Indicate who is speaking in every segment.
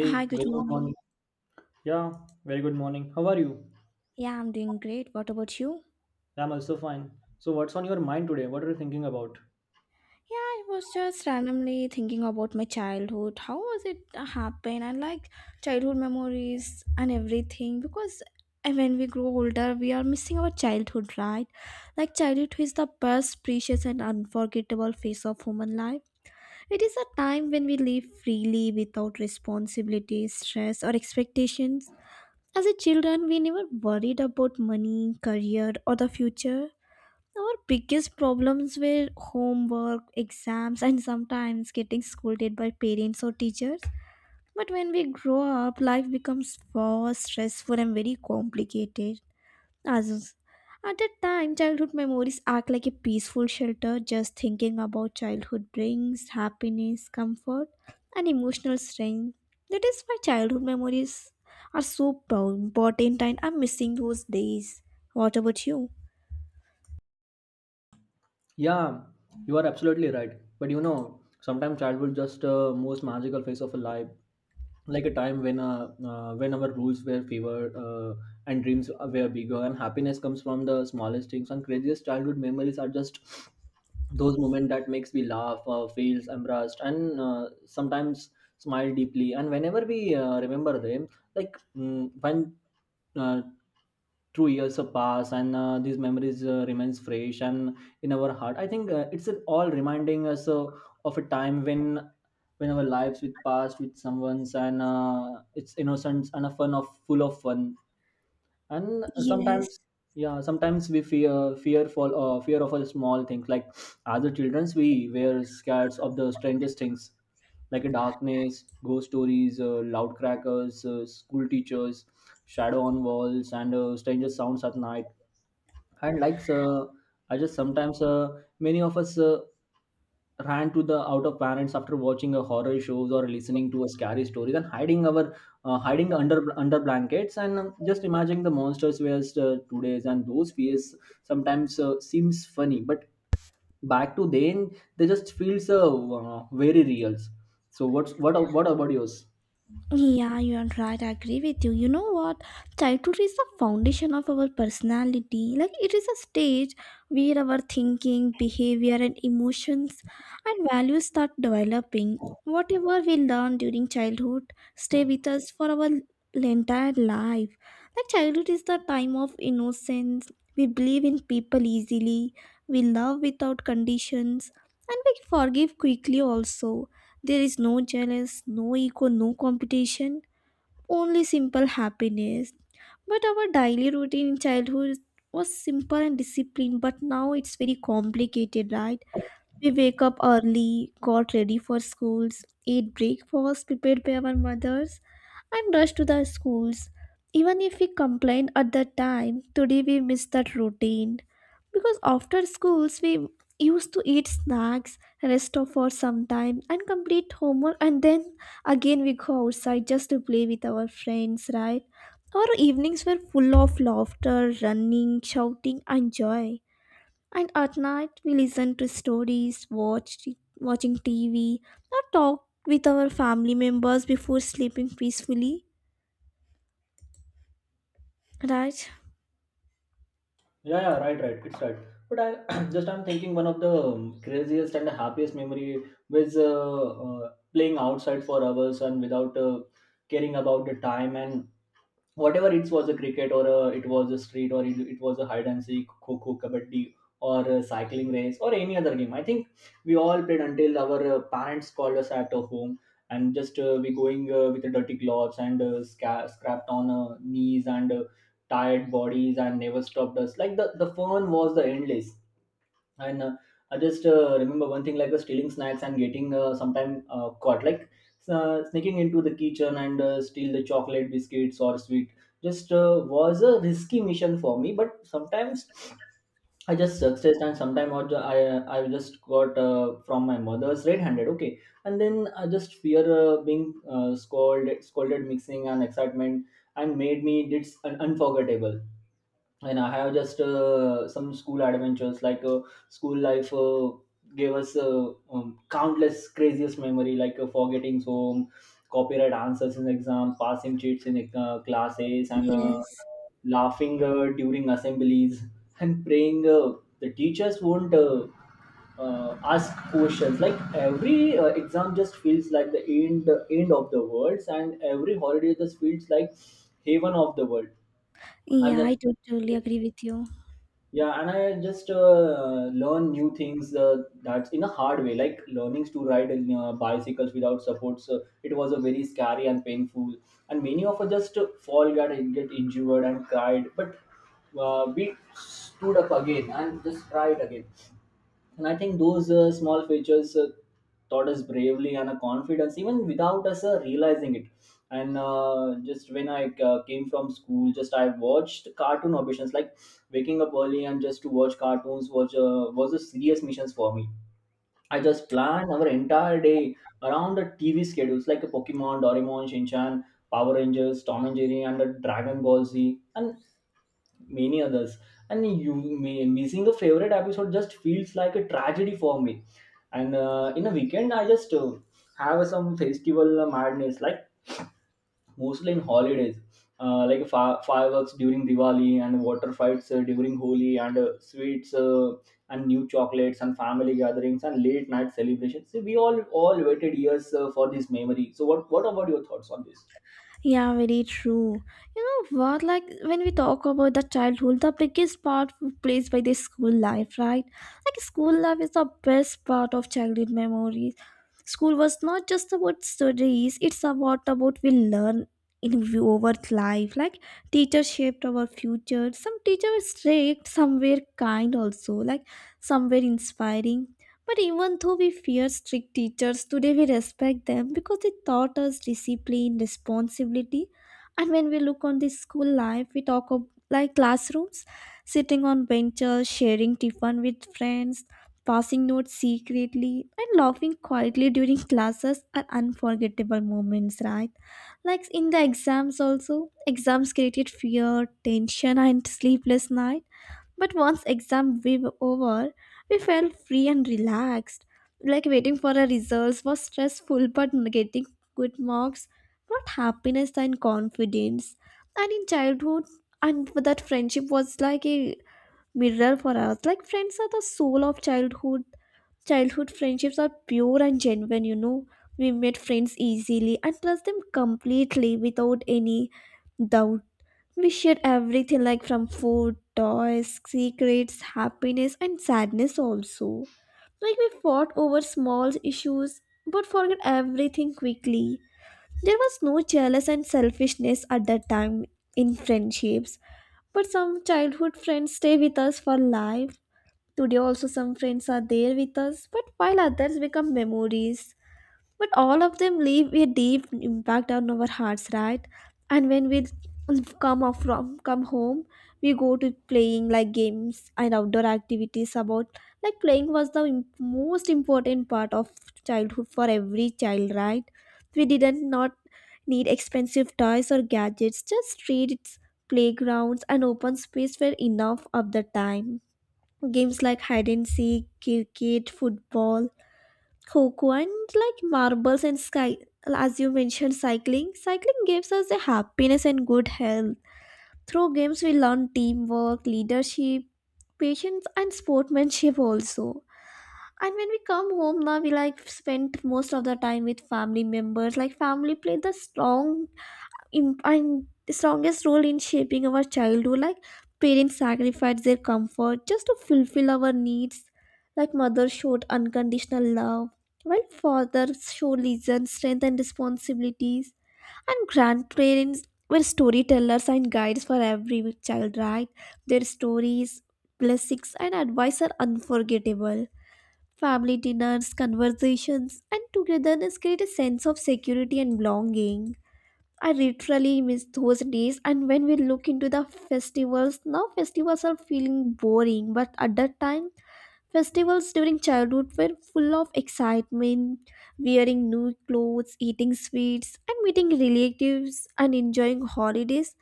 Speaker 1: Hi, good
Speaker 2: very good morning.
Speaker 1: morning.
Speaker 2: Yeah, very good morning. How are you?
Speaker 1: Yeah, I'm doing great. What about you?
Speaker 2: I'm also fine. So, what's on your mind today? What are you thinking about?
Speaker 1: Yeah, I was just randomly thinking about my childhood. How was it happen? And like childhood memories and everything. Because when we grow older, we are missing our childhood, right? Like childhood is the best, precious, and unforgettable phase of human life. It is a time when we live freely without responsibilities, stress, or expectations. As a children, we never worried about money, career, or the future. Our biggest problems were homework, exams, and sometimes getting scolded by parents or teachers. But when we grow up, life becomes far stressful and very complicated. As at that time, childhood memories act like a peaceful shelter. Just thinking about childhood brings happiness, comfort, and emotional strength. That is why childhood memories are so important, and I'm missing those days. What about you?
Speaker 2: Yeah, you are absolutely right. But you know, sometimes childhood just most magical phase of a life. Like a time when our rules were favored, and dreams were bigger, and happiness comes from the smallest things, and craziest childhood memories are just those moments that makes me laugh, feels embarrassed, and sometimes smile deeply, and whenever we remember them like when uh, 2 years have passed, and these memories remains fresh and in our heart. I think it's all reminding us of a time when our lives with passed with someone's, and it's innocence and a fun of full of fun, and
Speaker 1: Yes.
Speaker 2: sometimes yeah sometimes we fear for fear of a small things. Like as a childrens we were scared of the strangest things, like a darkness, ghost stories, loud crackers, school teachers, shadow on walls, and stranger sounds at night. And likes, I just sometimes, many of us ran to the out of parents after watching a horror shows or listening to a scary story, then hiding our, hiding under blankets, and just imagining the monsters were today's, and those fears sometimes seems funny, but back to then they just feels very real. So what's what about yours?
Speaker 1: Yeah, you are right. I agree with you. You know what? Childhood is the foundation of our personality. Like, it is a stage where our thinking, behavior, and emotions and values start developing. Whatever we learn during childhood stay with us for our entire life. Like, childhood is the time of innocence. We believe in people easily, we love without conditions, and we forgive quickly also there is no jealous, no ego, no competition, only simple happiness. But our daily routine in childhood was simple and disciplined, but now it's very complicated, right? We wake up early, got ready for schools, ate breakfast prepared by our mothers, and rushed to the schools. Even if we complain at the time, today we miss that routine. Because after schools, we used to eat snacks, rest off for some time, and complete homework, and then again we go outside just to play with our friends, right? Our evenings were full of laughter, running, shouting, and joy. And at night, we listen to stories, watching TV, or talk with our family members before sleeping peacefully. Right?
Speaker 2: Yeah, yeah, right, right. It's right. But I just I'm thinking one of the craziest and happiest memory was playing outside for hours and without caring about the time. And whatever it was a cricket, or a, it was a street, or it was a hide and seek, kho kho, kabaddi, or a cycling race, or any other game. I think we all played until our parents called us at home. And just we going with the dirty gloves and scrapped on knees and tired bodies, and never stopped us. Like the fun was the endless. And I just remember one thing, like the stealing snacks and getting sometime caught, like sneaking into the kitchen and steal the chocolate biscuits or sweet, just was a risky mission for me. But sometimes I just success, and sometimes I I just got from my mother's red handed. Okay, and then I just fear, being scolded, mixing and excitement, and made me did unforgettable. And I have just some school adventures. Like, school life gave us, countless craziest memory, like forgetting home, copyright answers in exam, passing cheats in classes, and
Speaker 1: Yes.
Speaker 2: laughing during assemblies, and praying the teachers won't. Ask questions, like every exam just feels like the end of the world, and every holiday just feels like heaven of the world. I'm
Speaker 1: Yeah,
Speaker 2: not-
Speaker 1: I totally agree with you.
Speaker 2: Yeah, and I just learn new things, that's in a hard way, like learnings to ride bicycles without supports. It was a very scary and painful, and many of us just fall, got get injured and cried, but we stood up again and just tried again. And I think those small features taught us bravely and a confidence, even without us realizing it. And just when I came from school, just I watched cartoon auditions, like waking up early and just to watch cartoons was a serious missions for me. I just planned our entire day around the TV schedules, like a Pokemon, Doraemon, Shinchan, Power Rangers, Tom and Jerry, and the Dragon Ball Z. And many others. And you may, missing a favorite episode just feels like a tragedy for me. And in a weekend I just have some festival madness, like mostly in holidays, like fireworks during diwali, and water fights during holi, and sweets, and new chocolates, and family gatherings, and late night celebrations. See, we all waited years, for this memory. So what about your thoughts on this?
Speaker 1: Yeah, very true. You know what? Like when we talk about the childhood, the biggest part plays by the school life, right? Like school life is the best part of childhood memories. School was not just about studies; it's about we learn in view over life. Like teachers shaped our future. Some teachers strict, some were kind also. Like some were inspiring but even though we fear strict teachers, today we respect them because they taught us discipline, responsibility. And when we look on this school life, we talk of like classrooms, sitting on benches, sharing tiffin with friends, passing notes secretly, and laughing quietly during classes are unforgettable moments, right? Like in the exams also, exams created fear, tension, and sleepless night but once exam we were over, we felt free and relaxed. Like waiting for our results was stressful, but getting good marks brought happiness and confidence. And in childhood, and that friendship was like a mirror for us. Like friends are the soul of childhood. Childhood friendships are pure and genuine. You know, we made friends easily and trust them completely without any doubt. We shared everything like from food, toys, secrets, happiness, and sadness also. Like we fought over small issues but forgot everything quickly. There was no jealous and selfishness at that time in friendships, but some childhood friends stay with us for life. Today also some friends are there with us, but while others become memories but all of them leave a deep impact on our hearts, right? And when we come off from come home we go to playing like games and outdoor activities about like playing was the most important part of childhood for every child, right? We didn't not need expensive toys or gadgets, just streets, playgrounds, and open space were enough of the time. Games like hide and seek, cricket, football, Coco, and like marbles and sky, as you mentioned, cycling, cycling gives us a happiness and good health. Through games we learn teamwork, leadership, patience, and sportsmanship also. And when we come home now we like spend most of the time with family members, like family play the strong imp- and strongest role in shaping our childhood. Like parents sacrificed their comfort just to fulfill our needs, like mothers showed unconditional love while fathers showed listen strength and responsibilities, and grandparents were storytellers and guides for every child, right? Their stories, blessings, and advice are unforgettable. Family dinners, conversations, and togetherness create a sense of security and belonging. I literally miss those days. And when we look into the festivals, now festivals are feeling boring, but at that time, festivals during childhood were full of excitement, wearing new clothes, eating sweets, and meeting relatives and enjoying holidays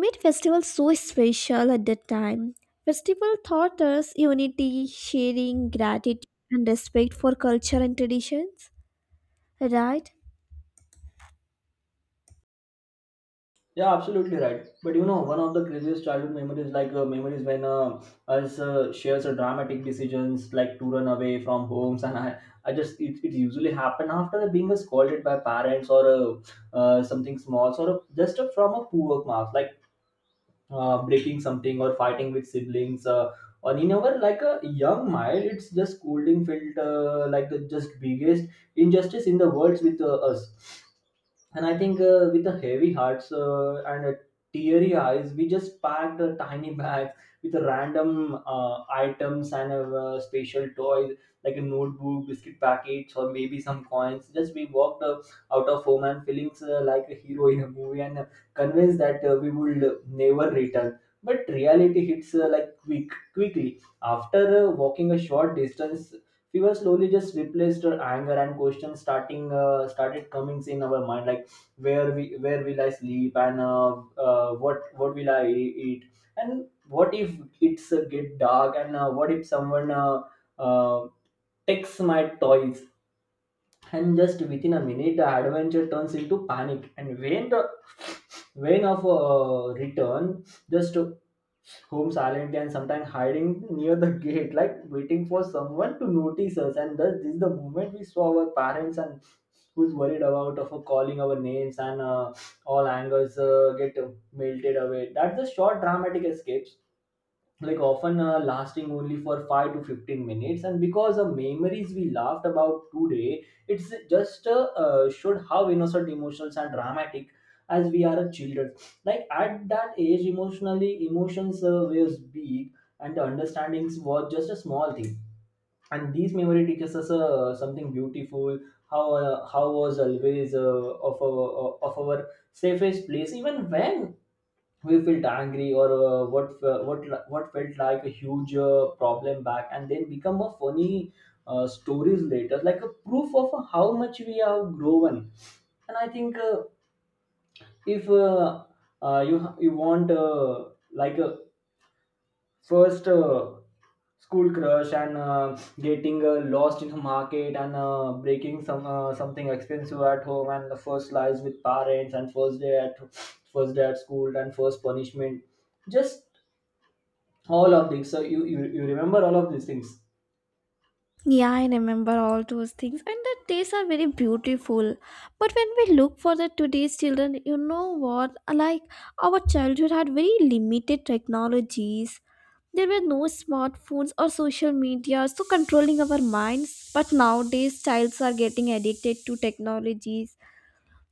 Speaker 1: made festivals so special at that time. Festival taught us unity, sharing, gratitude, and respect for culture and traditions, right?
Speaker 2: Yeah, absolutely right. But you know, one of the craziest childhood memories, like memories when us shares a dramatic decisions, like to run away from homes, and I just it usually happen after being scolded by parents, or something small, sort of just a, from a poor marks. Like breaking something or fighting with siblings, or in our like a young mind it's just scolding felt like the just biggest injustice in the world with us. And I think, with the heavy hearts and teary eyes, we just packed a tiny bag with random items and special toys, like a notebook, biscuit packets, or maybe some coins. Just we walked out of home, and feelings like a hero in a movie, and convinced that we would never return. But reality hits like quickly. After walking a short distance, we were slowly just replaced our anger, and questions starting started coming in our mind, like where will I sleep? And what will I eat? And what if it's get dark? And what if someone uh, takes my toys? And just within a minute, the adventure turns into panic. And when the when of return, just home silently, and sometimes hiding near the gate, like waiting for someone to notice us. And thus this is the moment we saw our parents, and who's worried about of calling our names, and all angers get melted away. That's the short dramatic escape, like often lasting only for 5 to 15 minutes. And because the memories we laughed about today, it's just showed how innocent, emotional, and dramatic as we are children. Like at that age, emotionally emotions were big, and the understandings were just a small thing. And these memory teaches us something beautiful. How how was always of our safest place, even when we felt angry, or what fe- what li- what felt like a huge problem back. And then become a funny stories later, like a proof of how much we have grown. And I think, if you want, like a first school crush, and getting lost in the market, and breaking some something expensive at home, and the first lies with parents, and first day at school, and first punishment. Just all of these. So you remember all of these things?
Speaker 1: Yeah, I remember all those things, and the days are very beautiful. But when we look for the today's children, you know what? Like our childhood had very limited technologies. There were no smartphones or social media, so controlling our minds. But nowadays, childs are getting addicted to technologies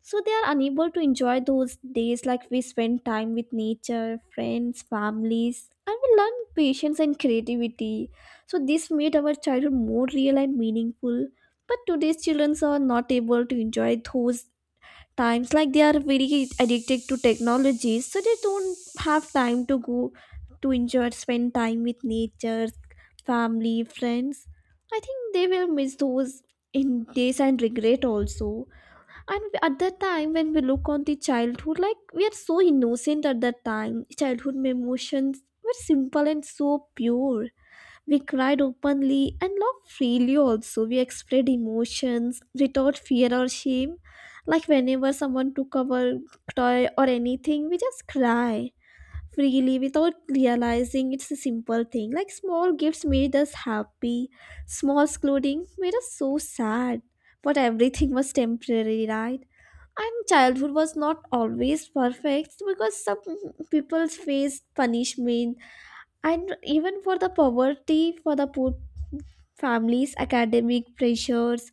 Speaker 1: so they are unable to enjoy those days like we spend time with nature, friends, families, and we learn patience and creativity. So this made our childhood more real and meaningful. But today's children are not able to enjoy those times like they are very addicted to technology so they don't have time to go to enjoy spend time with nature, family, friends. I think they will miss those in days and regret also. And at that time when we look on the childhood like we are so innocent at that time childhood emotions were simple and so pure. We cried openly and laughed freely, also we expressed emotions without fear or shame. Like whenever someone took our toy or anything we just cry freely without realizing it's a simple thing. Like small gifts made us happy, small scoldings made us so sad, but everything was temporary, right? And childhood was not always perfect because some people faced punishment and even for the poverty for the poor families academic pressures,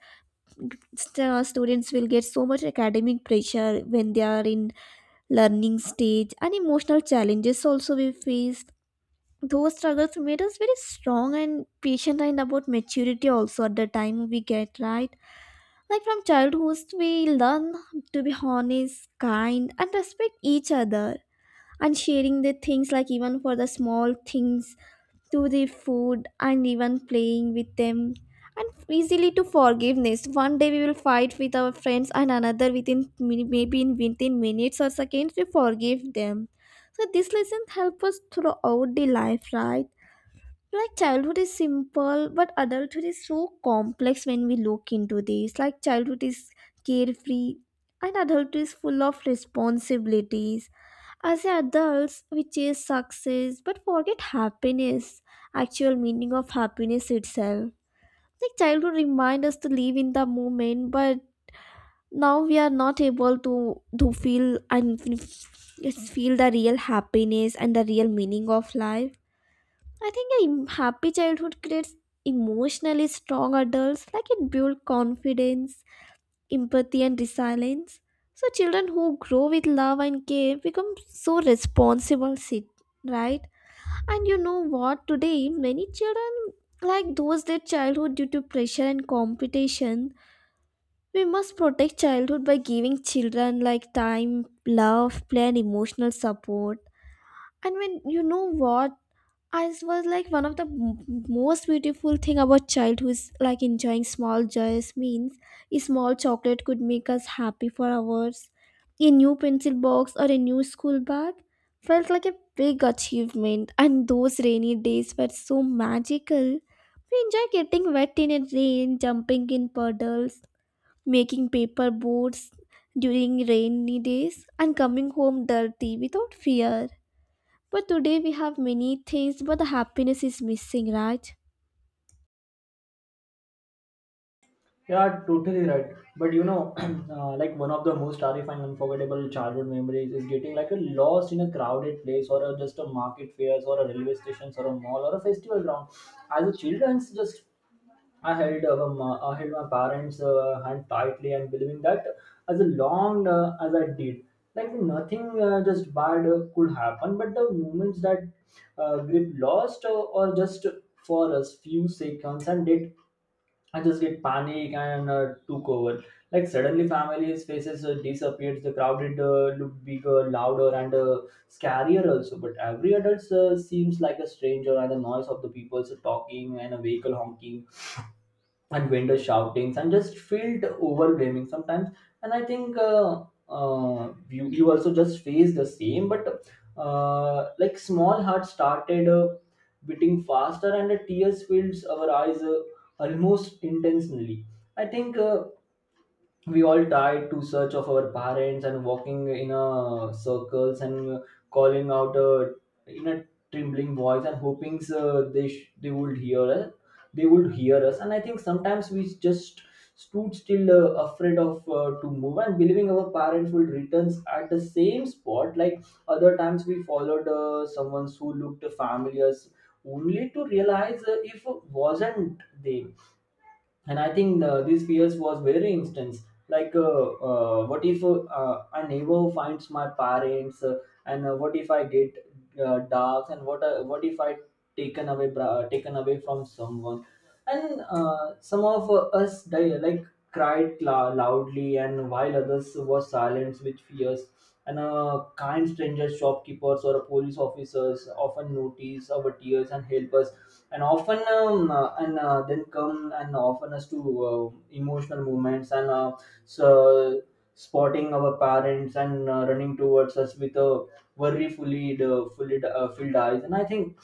Speaker 1: students will get so much academic pressure when they are in learning stage and emotional challenges also we faced. Those struggles made us very strong and patient, and about maturity also at the time we get, right? Like from childhood, we learn to be honest, kind, and respect each other. And sharing the things, like even for the small things, to the food, and even playing with them. And easily to forgiveness. One day we will fight with our friends, and another maybe in within minutes or seconds, we forgive them. So this lesson help us throughout the life, right? Like childhood is simple but adulthood is so complex. When we look into this like childhood is carefree and adulthood is full of responsibilities. As adults we chase success but forget happiness, actual meaning of happiness itself. Like childhood reminds us to live in the moment but now we are not able to feel and feel the real happiness and the real meaning of life. I think a happy childhood creates emotionally strong adults, like it builds confidence, empathy, and resilience. So, children who grow with love and care become so responsible, sit, right? And you know what? Today, many children like those their childhood due to pressure and competition. We must protect childhood by giving children like time, love, play, and emotional support. And when you know what? As was like one of the most beautiful thing about childhood is like enjoying small joys means a small chocolate could make us happy for hours. A new pencil box or a new school bag felt like a big achievement and those rainy days were so magical. We enjoy getting wet in a rain, jumping in puddles, making paper boats during rainy days and coming home dirty without fear. But today we have many things, but the happiness is missing, right?
Speaker 2: You are totally right. But you know, like one of the most terrifying, unforgettable childhood memories is getting like a lost in a crowded place, or a, just a market fairs, or a railway station, or a mall, or a festival ground. As a children's, just I held my parents' hand tightly, and believing that as long as I did, like nothing just bad could happen. But the moments that grip lost or just for a few seconds, and I just get panic and took over. Like suddenly, families' faces disappeared. The crowded looked bigger, louder, and scarier also. But every adult seems like a stranger, and the noise of the people talking and a vehicle honking and vendor shoutings and just felt overwhelming sometimes. And I think you also just face the same. But like small heart started beating faster and the tears filled our eyes almost intentionally. I think we all died to search of our parents and walking in a circles and calling out in a trembling voice and hoping they would hear us, they would hear us. And I think sometimes we just stood still, afraid of to move and believing our parents would return at the same spot. Like other times we followed someone who looked familiar, only to realize if wasn't they. And I think these fears was very instance. Like what if a neighbor finds my parents, and what if I get dogs? And what if I taken away taken away from someone? And some of us like cried loudly, and while others were silent with fears. And kind strangers, shopkeepers, or police officers often notice our tears and help us, and often and then come and often us to emotional moments. And so spotting our parents and running towards us with a worry fully fully filled eyes. And I think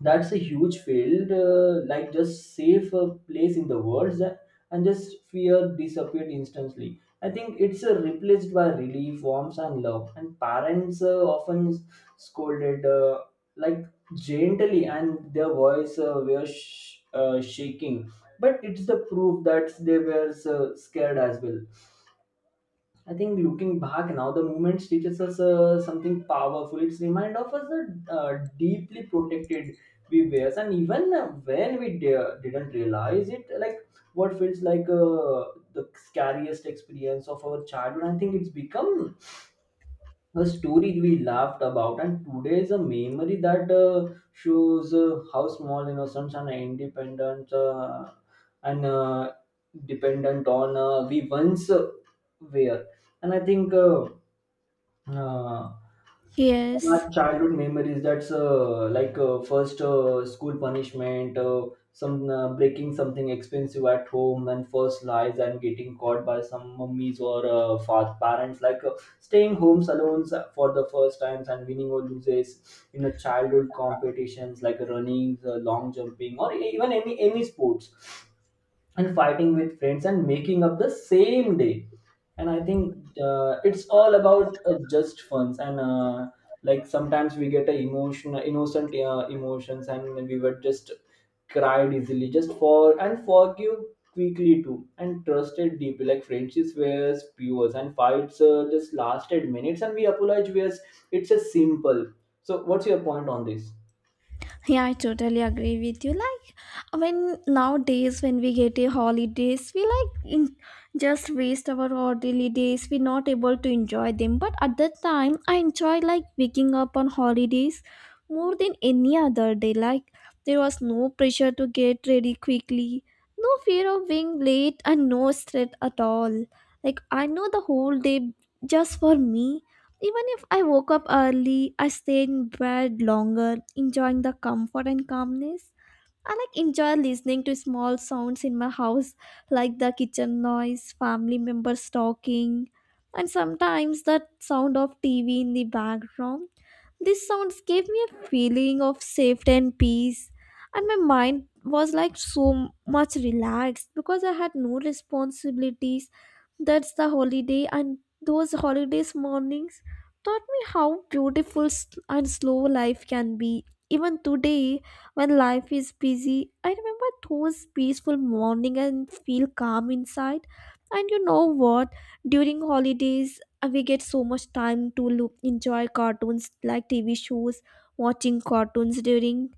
Speaker 2: that's a huge field, like just safe place in the world and just fear disappeared instantly. I think it's replaced by relief, warmth, and love. And parents often scolded like gently, and their voice were shaking, but it's the proof that they were scared as well. I think looking back now, the movement teaches us something powerful. It's remind of us that deeply protected we were, and even when we didn't realize it, like what feels like the scariest experience of our childhood. I think it's become a story we laughed about, and today is a memory that shows how small innocence and independence and dependent on we once were. And I think uh, my
Speaker 1: Yes.
Speaker 2: childhood memories that's like first school punishment, some breaking something expensive at home, and first lies and getting caught by some mummies or parents, like staying homes alone for the first times, and winning or loses in a childhood competitions like running, long jumping, or even any sports, and fighting with friends and making up the same day. And I think it's all about just funs. And like sometimes we get a emotion innocent emotions, and we were just cried easily just for, and forgive quickly too, and trusted deeply. Like friendships were pure and fights just lasted minutes, and we apologize whereas it's a simple. So what's your point on this?
Speaker 1: Yeah, I totally agree with you. Like when nowadays when we get a holidays, we like in, just waste our ordinary days. We're not able to enjoy them. But at that time, I enjoy like waking up on holidays more than any other day. Like there was no pressure to get ready quickly, no fear of being late, and no stress at all. Like I know the whole day just for me. Even if I woke up early, I stayed in bed longer, enjoying the comfort and calmness. I like enjoy listening to small sounds in my house, like the kitchen noise, family members talking, and sometimes the sound of TV in the background. These sounds gave me a feeling of safety and peace, and my mind was like so much relaxed because I had no responsibilities. That's the holiday, and those holidays mornings taught me how beautiful s- and slow life can be. Even today, when life is busy, I remember those peaceful morning and feel calm inside. And you know what? During holidays, we get so much time to look, enjoy cartoons like TV shows, watching cartoons during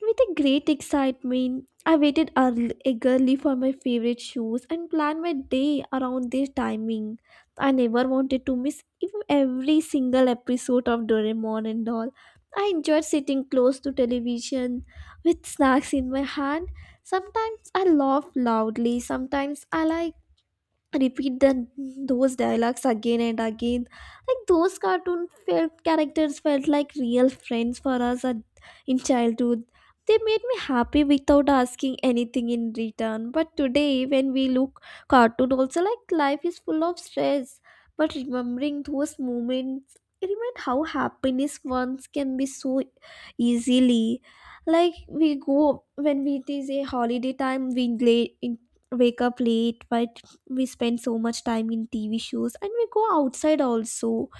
Speaker 1: with a great excitement. I eagerly for my favorite shows and planned my day around their timing. I never wanted to miss even every single episode of Doraemon and all. I enjoyed sitting close to television with snacks in my hand. Sometimes I laugh loudly, sometimes I like repeat the those dialogues again and again, like those cartoon felt characters felt like real friends for us at, in childhood. They made me happy without asking anything in return, but today when we look cartoon also, like life is full of stress, but remembering those moments, it remind how happiness once can be so easily. Like we go when it is a holiday time, we late, in wake up late, by we spend so much time in TV shows and we go outside also.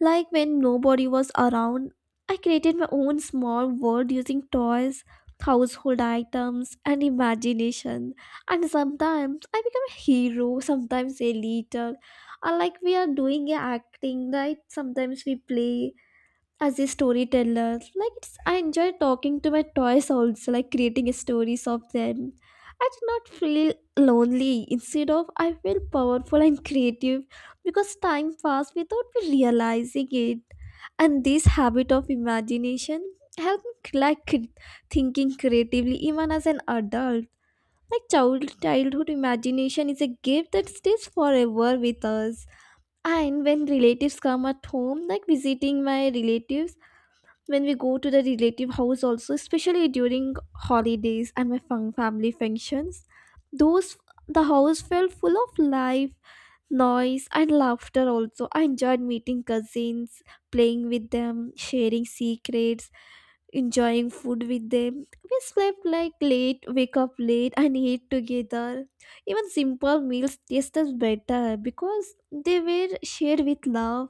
Speaker 1: Like when nobody was around, I created my own small world using toys, household items, and imagination. And sometimes I become a hero, sometimes a leader. Or like we are doing a acting, right? Sometimes we play as a storyteller, like it's I enjoy talking to my toys also, like creating stories of them. I do not feel lonely, instead of I feel powerful and creative, because time passed without me realizing it. And this habit of imagination help me like cre- thinking creatively even as an adult. Like childhood imagination is a gift that stays forever with us. And when relatives come at home, like visiting my relatives, when we go to the relative house also, especially during holidays and my fun family functions, those, the house felt full of life, noise and laughter also. I enjoyed meeting cousins, playing with them, sharing secrets, enjoying food with them. We slept like late, wake up late, and eat together. Even simple meals tasted better because they were shared with love,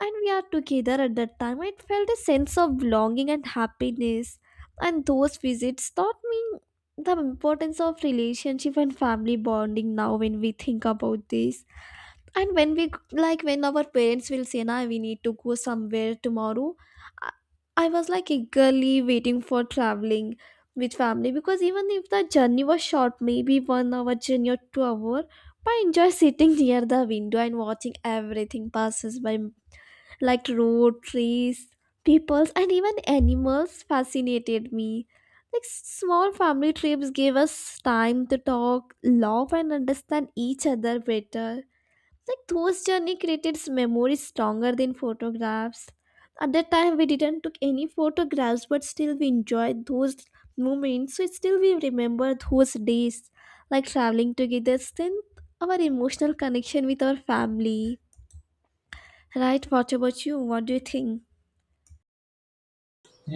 Speaker 1: and we are together. At that time, I felt a sense of belonging and happiness, and those visits taught me the importance of relationship and family bonding. Now when we think about this, and when we, like when our parents will say na, we need to go somewhere tomorrow, i, I was like eagerly waiting for traveling with family, because even if the journey was short, maybe 1 hour journey or 2 hour, but I enjoy sitting near the window and watching everything passes by, like road, trees, peoples, and even animals fascinated me. Like small family trips gave us time to talk, love, and understand each other better. Like those journey created memories stronger than photographs. At that time, we didn't took any photographs, but still we enjoyed those moments. So still we remember those days, like traveling together, strength our emotional connection with our family. Right? What about you? What do you think?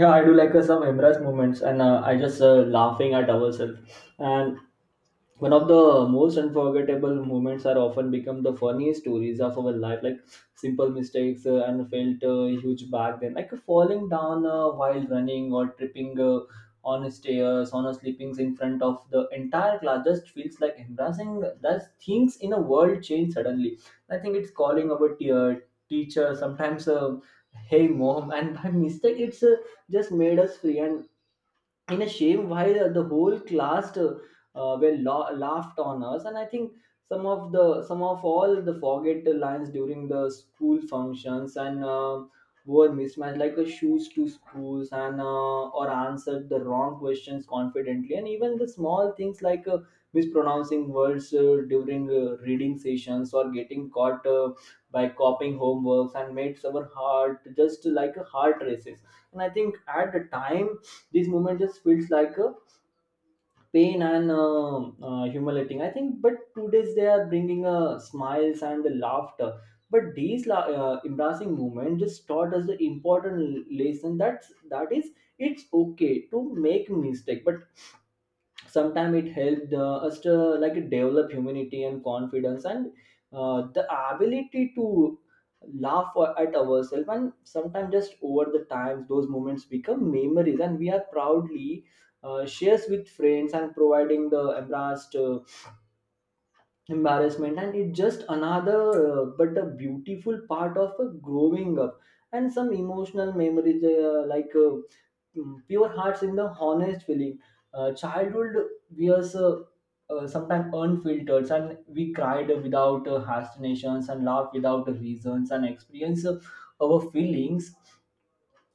Speaker 2: Yeah, I do like some embrace moments. And I just laughing at ourselves, and one of the most unforgettable moments are often become the funniest stories of our life. Like simple mistakes and felt huge back then, like falling down while running, or tripping on stairs, on a sleepings in front of the entire class, just feels like embarrassing. That things in a world change suddenly. I think it's calling our teacher sometimes, hey mom and by mistake it's just made us free and in a shame. Why the whole class laughed on us. And I think some of all the forget the lines during the school functions, and were mismatched like a shoes to schools. And or answered the wrong questions confidently, and even the small things like mispronouncing words during reading sessions, or getting caught by copying homeworks, and makes our heart just like a heart races. And I think at the time, this moment just feels like a pain and humiliating, I think. But today's they are bringing smiles and the laughter. But these embarrassing moment just taught us the important lesson, that that is, it's okay to make mistake. But sometimes it helped us to like develop humanity and confidence, and the ability to laugh at ourselves. And sometimes just over the times, those moments become memories, and we are proudly shares with friends and providing the embarrassed embarrassment, and it's just another but a beautiful part of growing up. And some emotional memories Mm, pure hearts in the honest feeling. Childhood was sometimes unfiltered, and we cried without hastinations, and laughed without reasons, and experienced our feelings.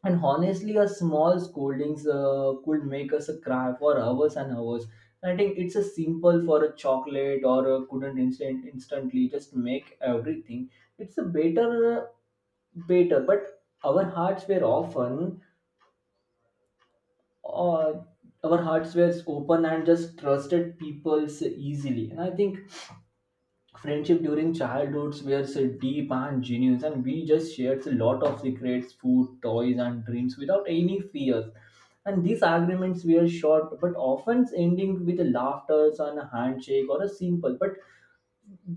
Speaker 2: And honestly, a small scoldings could make us cry for hours and hours. I think it's a simple for a chocolate or a couldn't instant instantly just make everything. It's a better, better. But uh, our hearts were open and just trusted people so easily. And I think friendship during childhoods were so deep and genuine, and we just shared a lot of secrets, food, toys, and dreams without any fears. And these arguments were short, but often ending with a laughter and a handshake or a simple. But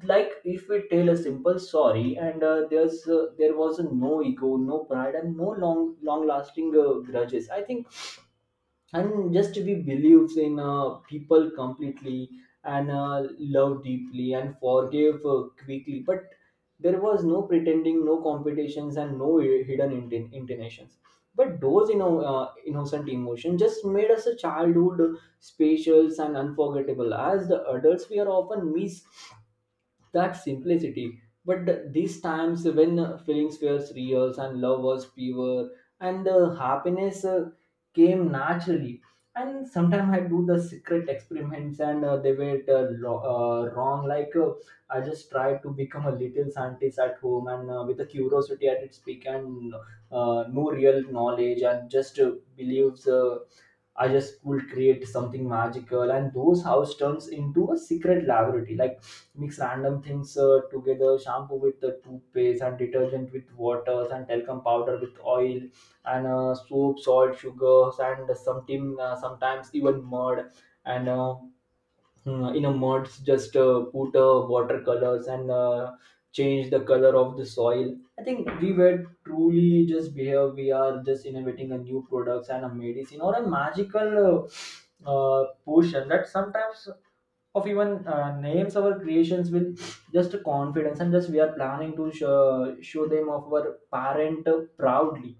Speaker 2: like if we tell a simple sorry, and there was no ego, no pride, and no long lasting grudges, I think. And just we believes in people completely, and love deeply, and forgive quickly. But there was no pretending, no competitions, and no hidden intentions. But those innocent emotions just made us a childhood special and unforgettable. As the adults, we are often miss that simplicity. But these times when feelings were real and love was pure, and happiness came naturally. And sometimes I do the secret experiments, and they were wrong. Like I just tried to become a little scientist at home, and with the curiosity at its peak, and no real knowledge, and just believes I just will create something magical, and those house turns into a secret laboratory. Like mix random things together, shampoo with the toothpaste, and detergent with waters, and talcum powder with oil, and soap, salt, sugars, and some tin, sometimes even mud. And in a mud just put watercolors, and change the color of the soil. I think we were truly just here, we are just innovating a new products and a medicine or a magical push, that sometimes of even names our creations with just confidence, and just we are planning to show them of our parent proudly.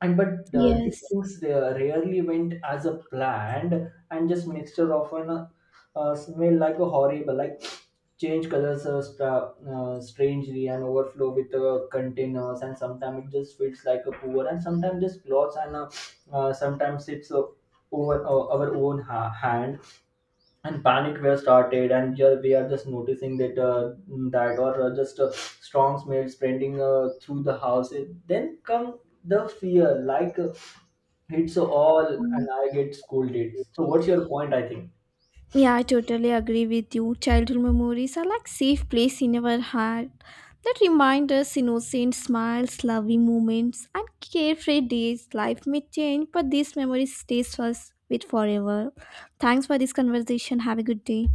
Speaker 2: And but these
Speaker 1: Yes.
Speaker 2: things they rarely went as a planned, and just mixture of an smell like a horrible, like change colors strangely, and overflow with containers. And sometimes it just feels like a poor, and sometimes just clothes, and sometimes it's over our own hand, and panic were started. And here we are just noticing that that or just strong smells spreading through the house. It- then come the fear, like it's all, and I get scolded. So what's your point, I think?
Speaker 1: Yeah, I totally agree with you. Childhood memories are like safe place in our heart that remind us innocent smiles, loving moments, and carefree days. Life may change, but these memories stays us with forever. Thanks for this conversation. Have a good day.